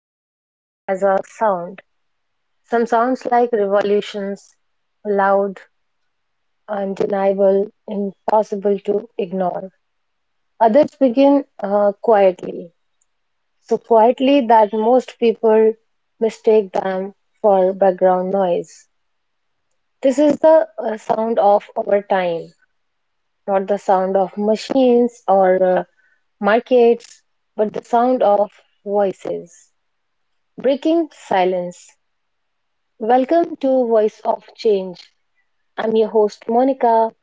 Every era has a sound. Some sounds like revolutions, loud, undeniable, impossible to ignore. Others begin quietly, so quietly that most people mistake them for background noise. This is the sound of our time, not the sound of machines or markets, but the sound of voices breaking silence. Welcome to Voice of Change. I'm your host, Monica,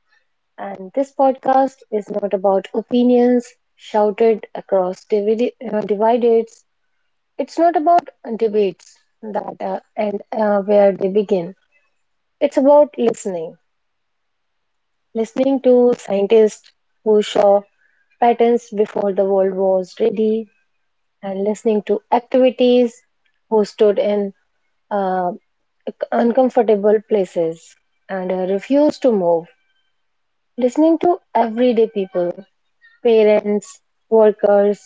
and this podcast is not about opinions shouted across divides. It's not about debates that and where they begin. It's about listening, listening to scientists who saw patterns before the world was ready, and listening to activities who stood in uh, uncomfortable places and refuse to move. Listening to everyday people, parents, workers,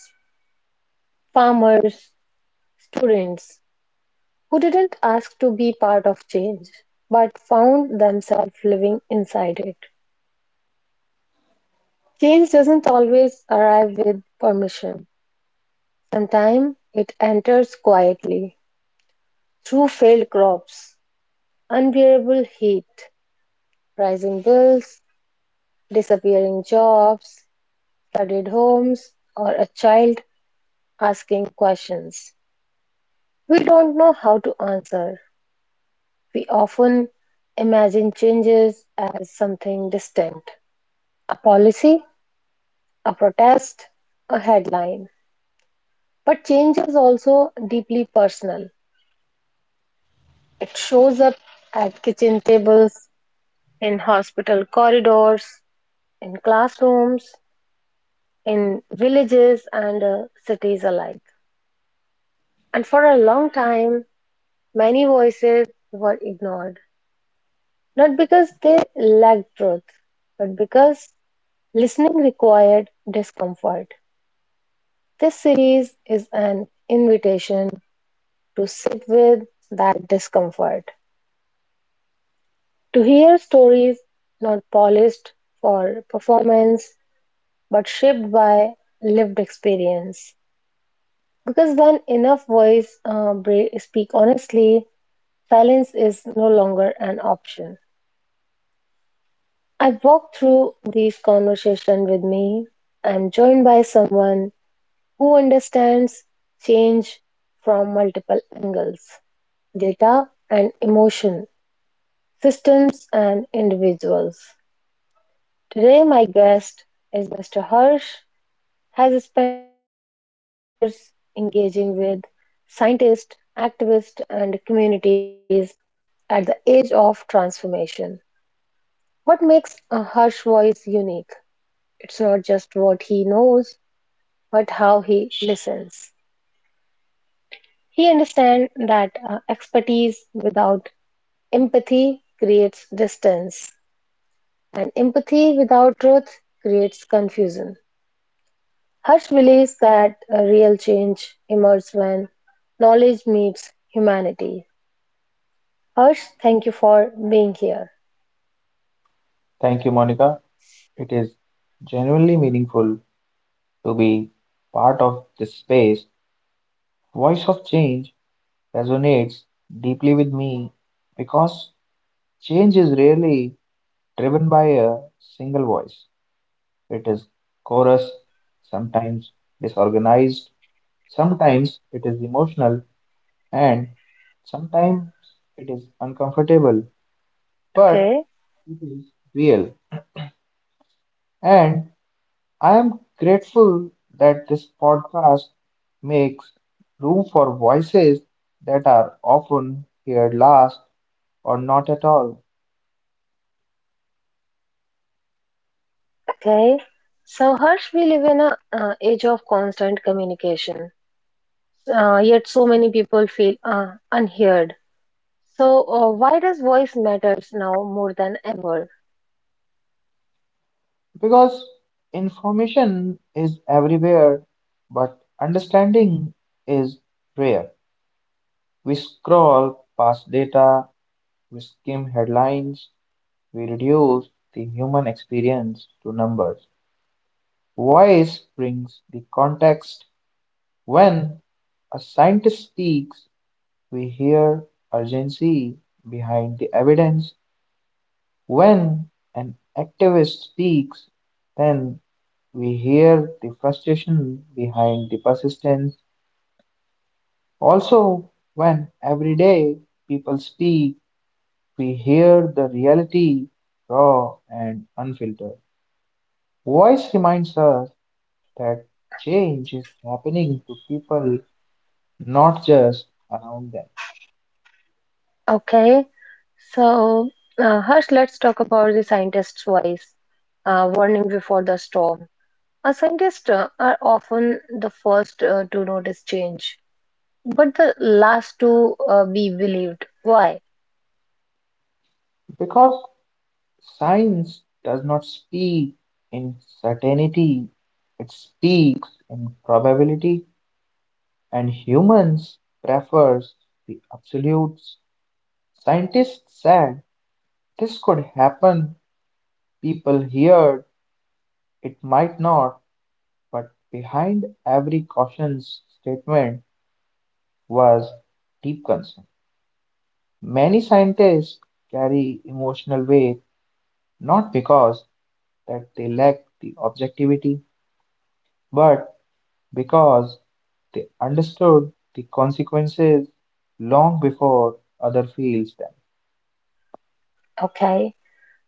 farmers, students, who didn't ask to be part of change but found themselves living inside it. Change doesn't always arrive with permission. Sometimes it enters quietly through failed crops, unbearable heat, rising bills, disappearing jobs, studied homes, or a child asking questions. We don't know how to answer. We often imagine changes as something distant, a policy, a protest, a headline. But change is also deeply personal. It shows up at kitchen tables, in hospital corridors, in classrooms, in villages and cities alike. And for a long time, many voices were ignored, not because they lacked truth, but because listening required discomfort. This series is an invitation to sit with that discomfort, to hear stories not polished for performance, but shaped by lived experience. Because when enough speak honestly, silence is no longer an option. I walk through these conversations with me. I'm joined by someone who understands change from multiple angles, data and emotion, systems and individuals. Today, my guest is Mr. Hirsch, has spent years engaging with scientists, activists, and communities at the edge of transformation. What makes a Hirsch voice unique? It's not just what he knows but how he listens. He understands that expertise without empathy creates distance, and empathy without truth creates confusion. Hirsch believes that a real change emerges when knowledge meets humanity. Hirsch, thank you for being here. Thank you, Monica. It is genuinely meaningful to be part of this space. Voice of Change resonates deeply with me because change is rarely driven by a single voice. It is chorus, sometimes disorganized, sometimes it is emotional, and sometimes it is uncomfortable, but Okay, it is real. And I am grateful that this podcast makes room for voices that are often heard last or not at all. okay. So, Harsh, we live in an age of constant communication, yet so many people feel unheard. So, why does voice matters now more than ever? Because information is everywhere, but understanding is rare. We scroll past data, we skim headlines, we reduce the human experience to numbers. Voice brings the context when a scientist speaks. We hear urgency behind the evidence. When an activist speaks, then we hear the frustration behind the persistence. Also, when everyday people speak, we hear the reality, raw and unfiltered. Voice reminds us that change is happening to people, not just around them. Okay, so Harsh, let's talk about the scientist's voice. Warning before the storm. Scientists are often the first to notice change, but the last to be believed. Why? Because science does not speak in certainty, it speaks in probability, and humans prefers the absolutes. Scientists said this could happen, people heard it might not, but behind every cautious statement was deep concern. Many scientists carry emotional weight not because that they lack the objectivity, but because they understood the consequences long before other feels them. Okay.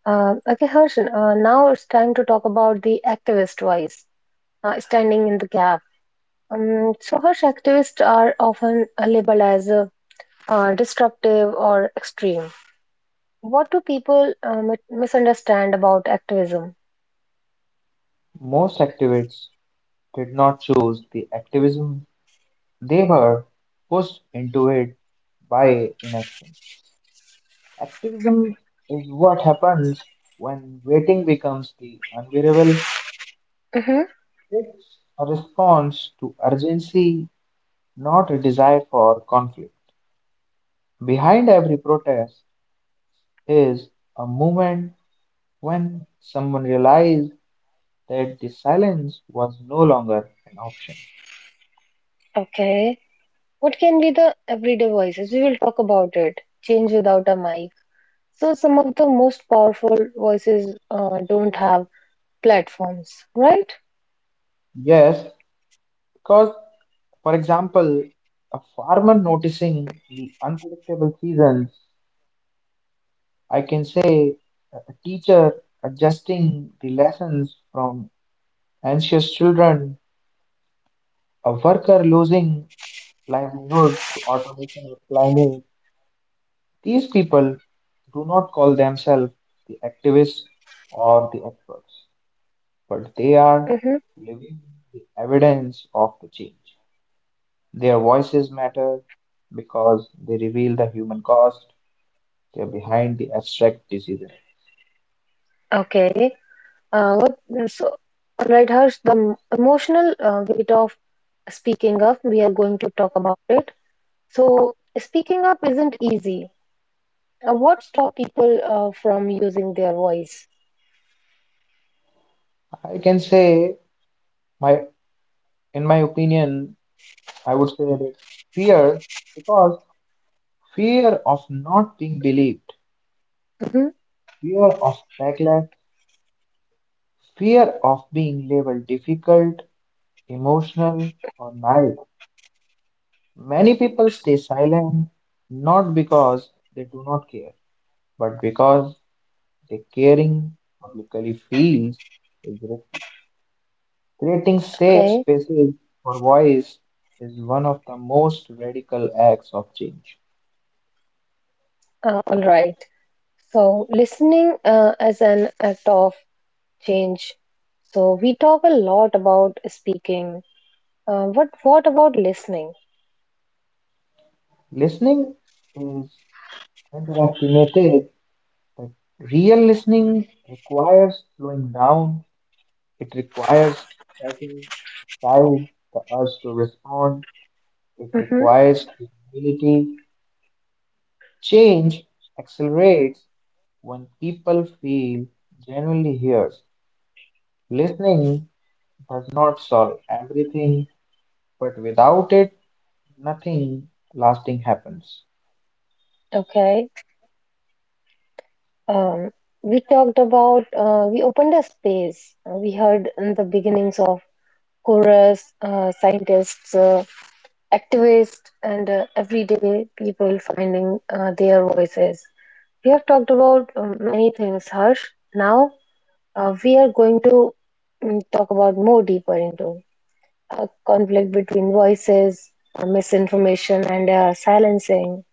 Okay, Harsh. Now it's time to talk about the activist voice, standing in the gap. So, Harsh, activists are often labeled as disruptive or extreme. What do people misunderstand about activism? Most activists did not choose the activism, they were pushed into it by inaction. Activism is what happens when waiting becomes the unbearable. Hmm. It's a response to urgency, not a desire for conflict. Behind every protest is a moment when someone realizes that the silence was no longer an option. Okay. What can be the everyday voices? We will talk about it. Change without a mic. So, some of the most powerful voices don't have platforms, right? Yes, because, for example, a farmer noticing the unpredictable seasons, I can say a teacher adjusting the lessons from anxious children, a worker losing livelihood to automation or climate. These people do not call themselves the activists or the experts, but they are Hmm. living the evidence of the change. Their voices matter because they reveal the human cost. They're behind the abstract decision. Okay. Uh, what, so, all right, Harsh, the emotional weight of speaking up, we are going to talk about it. So, speaking up isn't easy. What stop people from using their voice? I can say my in my opinion, I would say that fear because fear of not being believed, Mhm. fear of backlash, fear of being labeled difficult, emotional, or naive. Many people stay silent not because they do not care, but because their caring publicly feels is creating safe Okay, spaces for voice is one of the most radical acts of change. All right. So, listening as an act of change. So, we talk a lot about speaking. But what about listening? Listening is underestimated, but real listening requires slowing down, it requires setting aside the urge to respond, it Hmm. requires humility. Change accelerates when people feel genuinely heard. Listening does not solve everything, but without it, nothing lasting happens. Okay. Um, we talked about, we opened a space. We heard in the beginnings of chorus, scientists, activists, and everyday people finding their voices. We have talked about many things, Harsh. Now we are going to talk about more deeper into conflict between voices, misinformation and silencing,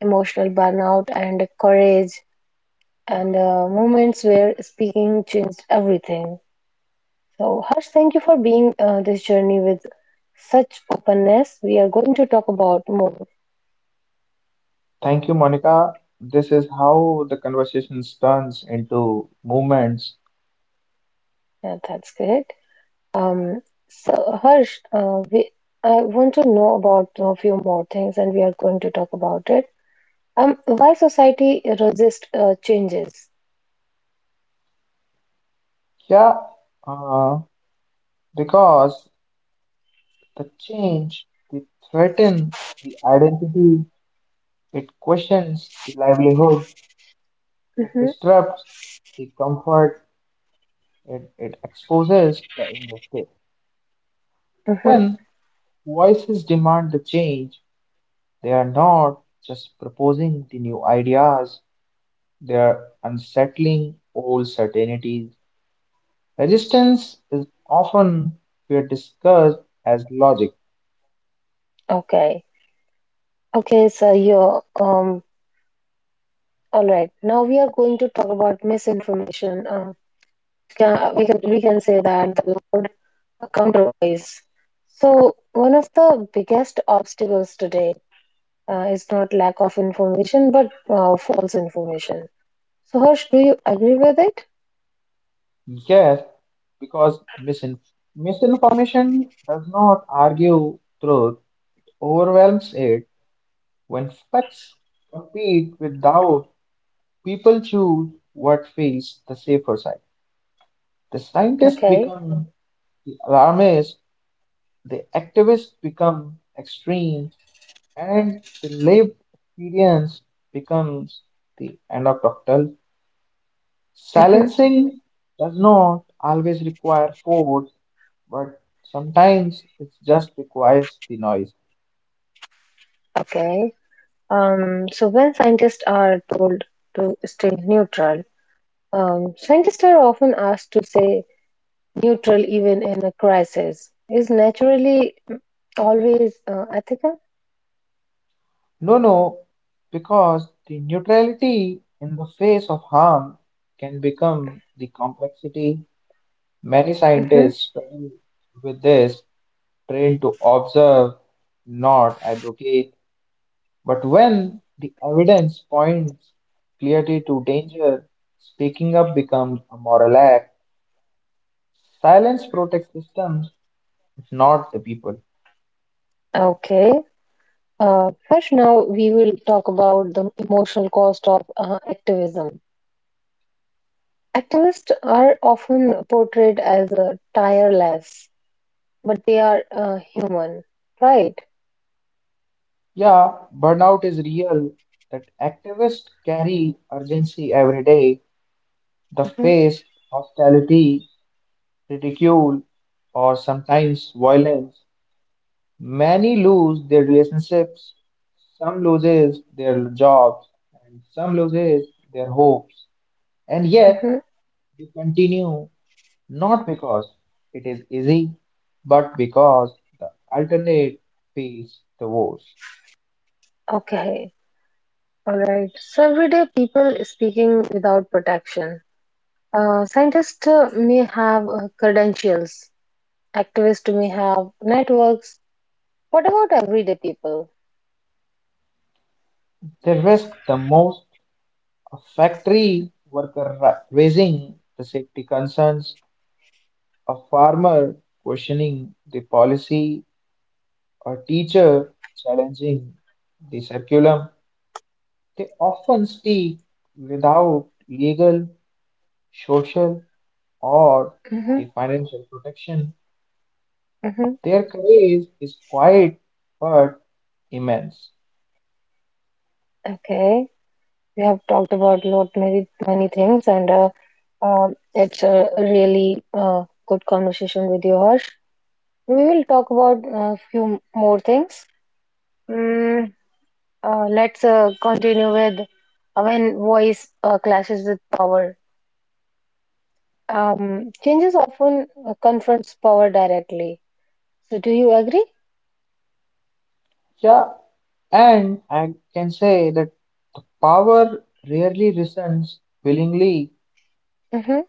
emotional burnout and courage, and moments where speaking changed everything. So, Harsh, thank you for being this journey with such openness. We are going to talk about more. Thank you, Monica. This is how the conversation turns into movements. Yeah, that's great. Um, so Harsh, we I want to know about a few more things, and we are going to talk about it. Why society resist changes? Yeah, uh, because the change, the threaten the identity, it questions the livelihood, it Mm-hmm, disrupts the comfort, it exposes the injustice. mm-hmm. When voices demand the change, they are not just proposing the new ideas their unsettling old certainties. Resistance is often here discussed as logic, Okay, okay. So you're. All right. Now we are going to talk about misinformation. Can, we can we can say that the loud counterpoise. So one of the biggest obstacles today is not lack of information, but false information. So, Harsh, do you agree with it? yes, because misinformation does not argue truth, overwhelms it. When facts compete with doubt, people choose what feels the safer side. The scientists Okay. become the alarmists, the activists become extreme, and the lived experience becomes the anecdotal. Hmm. Silencing does not always require force, but sometimes it just requires the noise. Okay. So, when scientists are told to stay neutral, scientists are often asked to say neutral even in a crisis. Is naturally always ethical? No, no, because the neutrality in the face of harm can become the complexity. Many Hmm. scientists struggle with this, trained to observe, not advocate. But when the evidence points clearly to danger, speaking up becomes a moral act. Silence protects systems, not the people. Okay. First, now we will talk about the emotional cost of activism. Activists are often portrayed as tireless, but they are human, right? Yeah, burnout is real. That activists carry urgency every day. They face hostility, ridicule, or sometimes violence. Many lose their relationships. Some loses their jobs, and some loses their hopes. And yet Mhm. we continue not because it is easy, but because the alternate feels the worst. Okay, all right. So, everyday people speaking without protection. Scientists may have credentials, activists may have networks. What about everyday people? They risk the most. A factory worker raising the safety concerns, a farmer questioning the policy, a teacher challenging the curriculum. They often speak without legal, social, or Hmm. the financial protection. Hmm. Their courage is quiet but immense. Okay, we have talked about lot many many things, and it's a really good conversation with you, Harsh. We will talk about a few more things. Mm, let's continue with when voice clashes with power. Changes often confronts power directly. So, do you agree? Yeah, and I can say that power rarely listens willingly. Mm-hmm,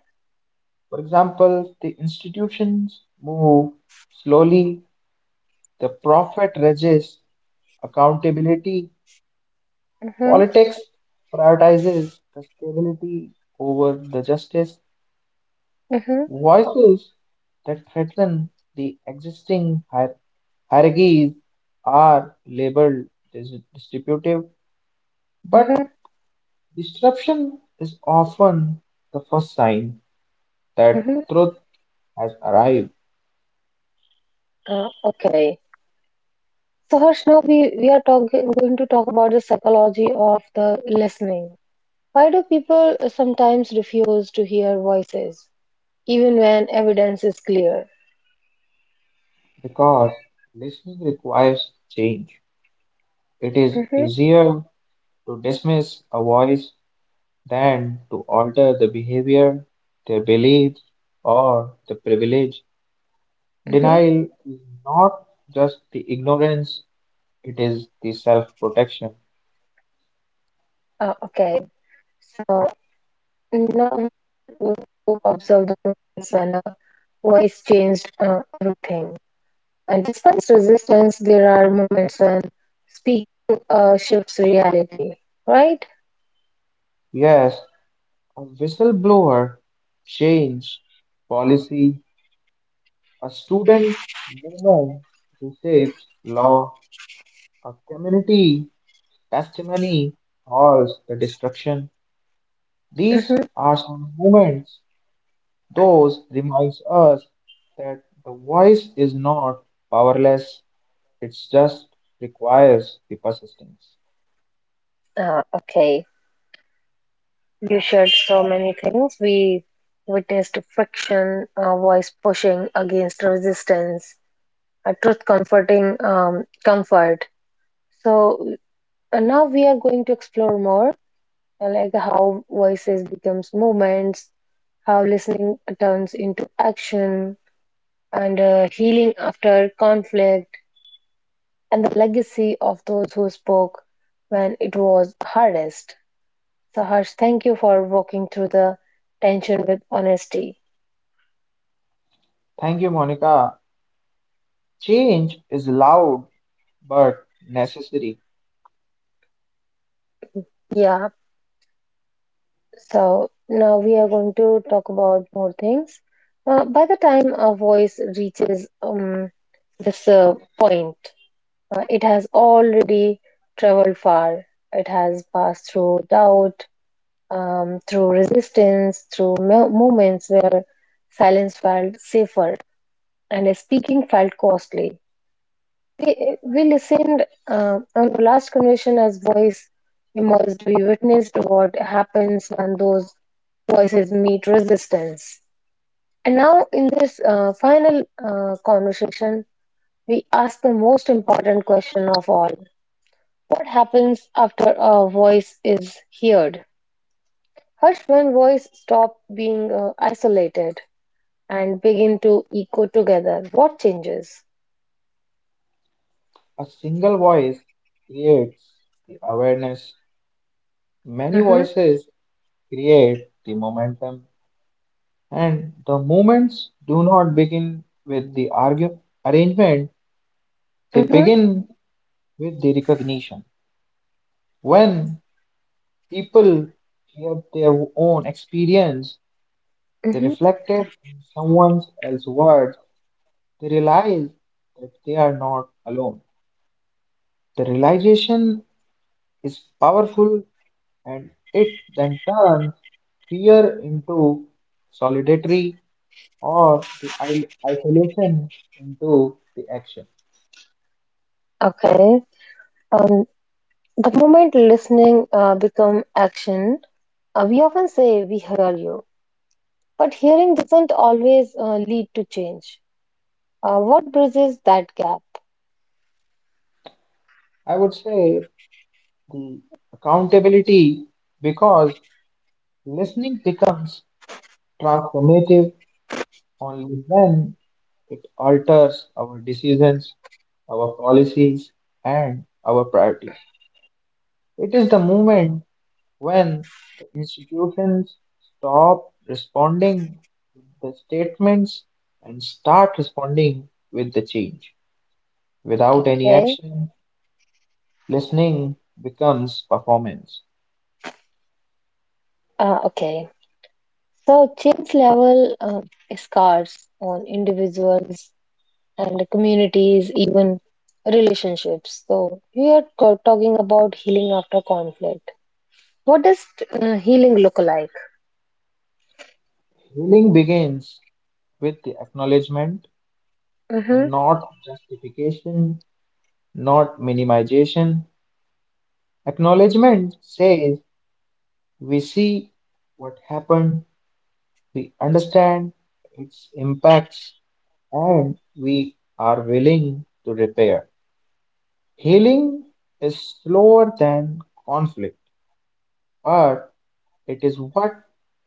For example, the institutions move slowly, the profit resists accountability, mm-hmm, politics prioritizes the stability over the justice. mm-hmm, Voices that threaten the existing hierarchies are labeled distributive, but mm-hmm, disruption is often the first sign that mm-hmm. truth has arrived Okay. So, Harsh, now going to talk about the psychology of the listening. Why do people sometimes refuse to hear voices, even when evidence is clear? because listening requires change. It is Mm-hmm, easier to dismiss a voice than to alter the behavior, their beliefs, or the privilege. mm-hmm. Denial is not just the ignorance, it is the self-protection. Okay. So, Now you observe the movement center, voice changed everything. And despite resistance, there are moments when speaking shifts reality, right? Yes, a whistleblower, change, policy, a student movement, research, law, a community, testimony, halls, the destruction. These Hmm. are some moments. Those reminds us that the voice is not powerless. It just requires the persistence. Okay. You shared so many things. We witnessed friction, voice pushing against resistance, a truth comforting comfort. So now we are going to explore more, like how voices becomes movements, how listening turns into action, and healing after conflict, and the legacy of those who spoke when it was hardest. So Harsh, thank you for walking through the tension with honesty. Thank you, Monica. Change is loud but necessary. Yeah, so now we are going to talk about more things. By the time a voice reaches this point, it has already traveled far. It has passed through doubt, through resistance, through moments where silence felt safer and speaking felt costly. We listened on the last conversation as voice emerged. We witnessed what happens when those voices meet resistance. And now, in this final conversation, we ask the most important question of all: what happens after a voice is heard? Harsh, one voice stop being isolated and begin to echo together. What changes? A single voice creates the awareness, many Mm-hmm, voices create the momentum, and the movements do not begin with the arrangement, they mm-hmm, begin with the recognition. When people hear their own experience, they mm-hmm. reflect it in someone else's words, they realize that they are not alone. The realization is powerful and it then turns fear into solidarity or the isolation into the action. Okay. Um, the moment listening become action, we often say we hear you, but hearing doesn't always lead to change. What bridges that gap? I would say the accountability because listening becomes transformative only when it alters our decisions, our policies, and our priorities. It is the moment when the institutions stop responding with the statements and start responding with the change, without any Okay. action, listening becomes performance. Okay. So change level is scars on individuals and communities, even relationships. So, we are talking about healing after conflict. What does healing look like? Healing begins with the acknowledgement, Hmm. not justification, not minimization. Acknowledgement says we see what happened, we understand its impacts, and we are willing to repair. Healing is slower than conflict, but it is what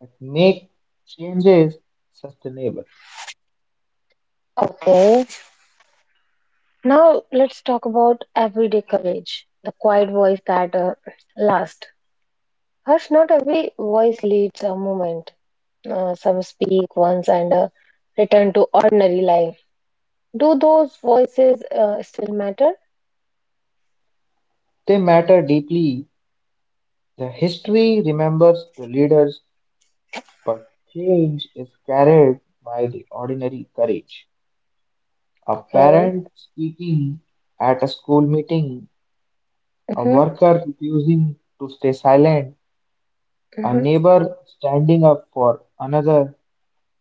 that make changes sustainable. Okay, now let's talk about everyday courage, the quiet voice that lasts. Harsh, not every voice leads a movement. Some speak once and return to ordinary life. Do those voices still matter? They matter deeply. The history remembers the leaders, but change is carried by the ordinary courage. A Okay. parent speaking at a school meeting, a Mm-hmm. worker refusing to stay silent, a Mm-hmm. neighbor standing up for another.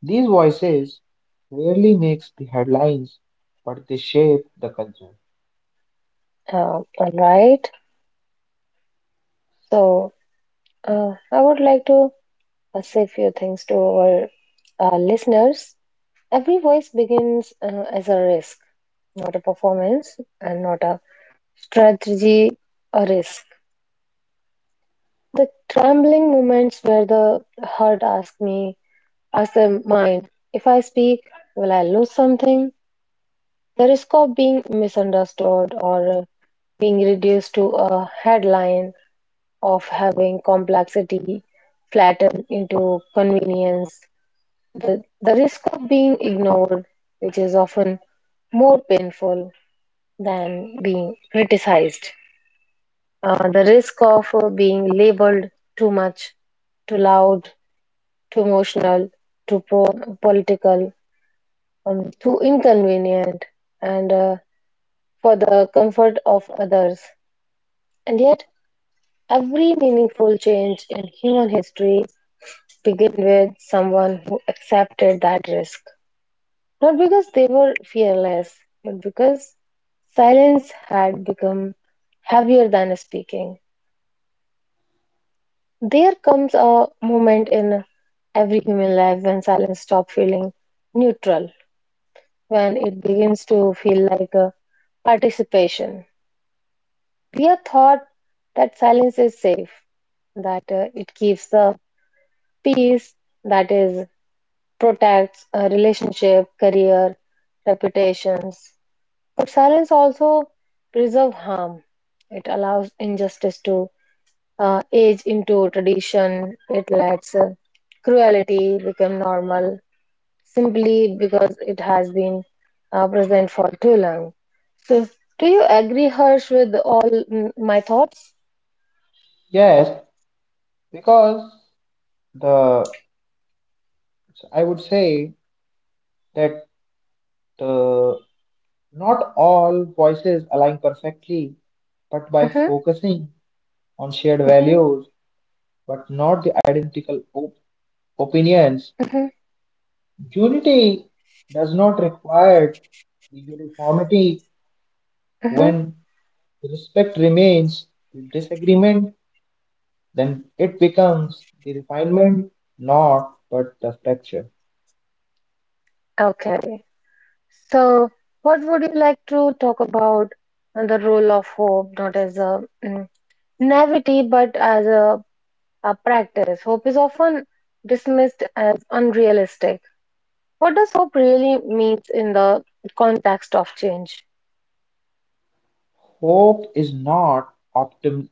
These voices rarely makes the headlines, but they shape the culture. All right. So I would like to say a few things to our listeners. Every voice begins as a risk, not a performance, and not a strategy or risk. The trembling moments where the heart asks me, asks the mind, if I speak, will I lose something? The risk of being misunderstood or being reduced to a headline, of having complexity flattened into convenience. The risk of being ignored, which is often more painful than being criticized, the risk of being labeled too much, too loud, too emotional, political, too inconvenient, and for the comfort of others. And yet, every meaningful change in human history began with someone who accepted that risk. Not because they were fearless, but because silence had become heavier than speaking. There comes a moment in every human life when silence stops feeling neutral, when it begins to feel like a participation. We are taught that silence is safe, that it keeps the peace, that is, protects a relationship, career, reputations. But silence also preserves harm. It allows injustice to age into tradition. It lets cruelty become normal simply because it has been present for too long. So, do you agree, Harsh, with all my thoughts? Yes, because the I would say that uh, not all voices align perfectly, but by Hmm. focusing on shared Hmm. values, but not the identical op opinions, Hmm. unity does not require the uniformity Hmm. when respect remains, the disagreement then it becomes the refinement, not but the texture. Okay. So, what would you like to talk about the role of hope, not as a naivety, but as a practice. Hope is often dismissed as unrealistic. What does hope really means in the context of change? Hope is not optim-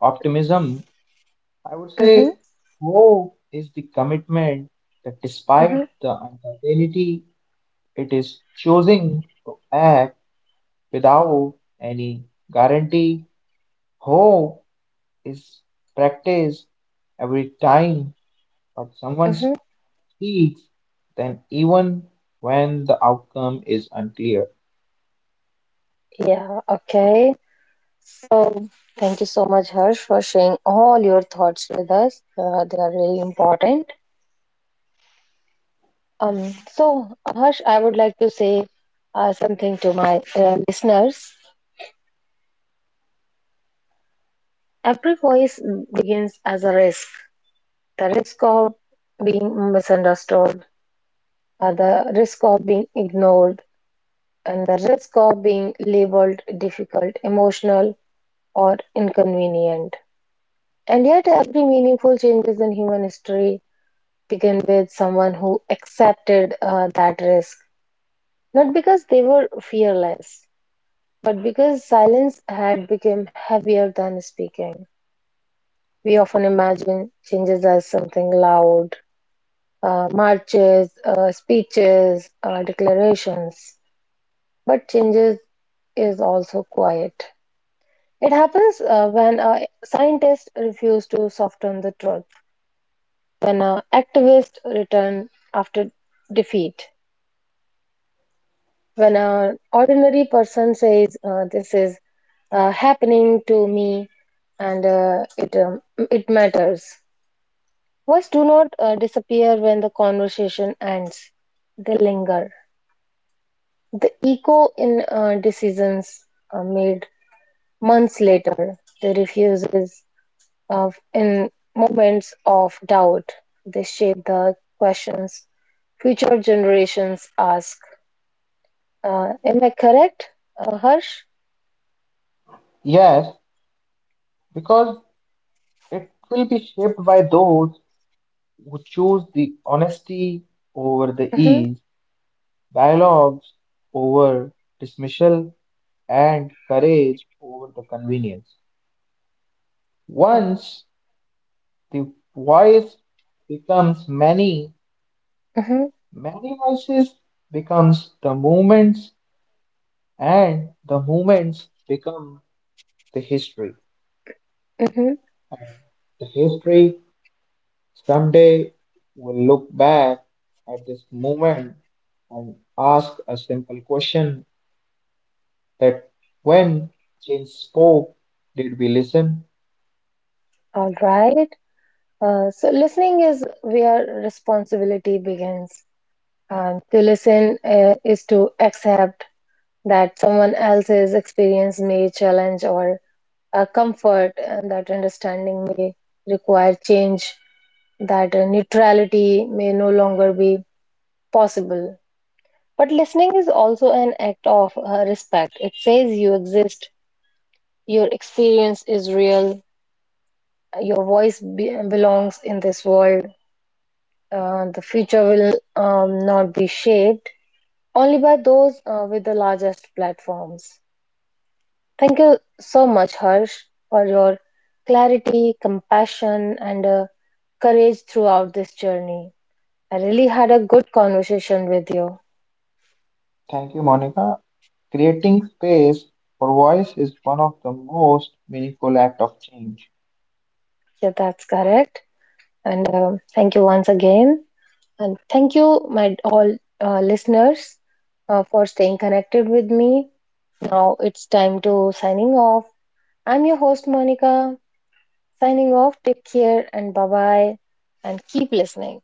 optimism. I would Mm-hmm, say hope is the commitment that despite mm-hmm, the uncertainty, it is choosing to act without any guarantee. Hope is practice every time but someone mm-hmm. speaks, then even when the outcome is unclear. Yeah, okay. So, thank you so much, Harsh, for sharing all your thoughts with us. They are really important. So, Harsh, I would like to say something to my listeners. Every voice begins as a risk, the risk of being misunderstood, the risk of being ignored, and the risk of being labeled difficult, emotional, or inconvenient. And yet, every meaningful changes in human history begin with someone who accepted that risk, not because they were fearless, but because silence had become heavier than speaking. We often imagine changes as something loud, marches, speeches, declarations, but changes is also quiet. It happens when scientists refuse to soften the truth, when activists return after defeat, when an ordinary person says, this is happening to me and it matters. Words do not disappear when the conversation ends, they linger. The echo in decisions made months later, the refuses. Of in moments of doubt, they shape the questions future generations ask. Am I correct, Harsh? Yes, because it will be shaped by those who choose the honesty over the Mm-hmm. ease, dialogues over dismissal, and courage over the convenience. Uh, Once the voice becomes many, Mm-hmm. many voices becomes the movements, and the movements become the history. Mm-hmm. And the history, someday we'll look back at this moment and ask a simple question that when change spoke, did we listen? All right. So listening is where responsibility begins. To listen is to accept that someone else's experience may challenge or comfort, and that understanding may require change, that neutrality may no longer be possible. But listening is also an act of respect. It says you exist, your experience is real, your voice belongs in this world. The future will not be shaped only by those with the largest platforms. Thank you so much, Harsh, for your clarity, compassion, and courage throughout this journey. I really had a good conversation with you. Thank you, Monica. Creating space for voice is one of the most meaningful act of change. Yeah, that's correct. And thank you once again. And thank you, my all listeners, for staying connected with me. Now it's time to signing off. I'm your host, Monica, signing off. Take care and bye bye, and keep listening.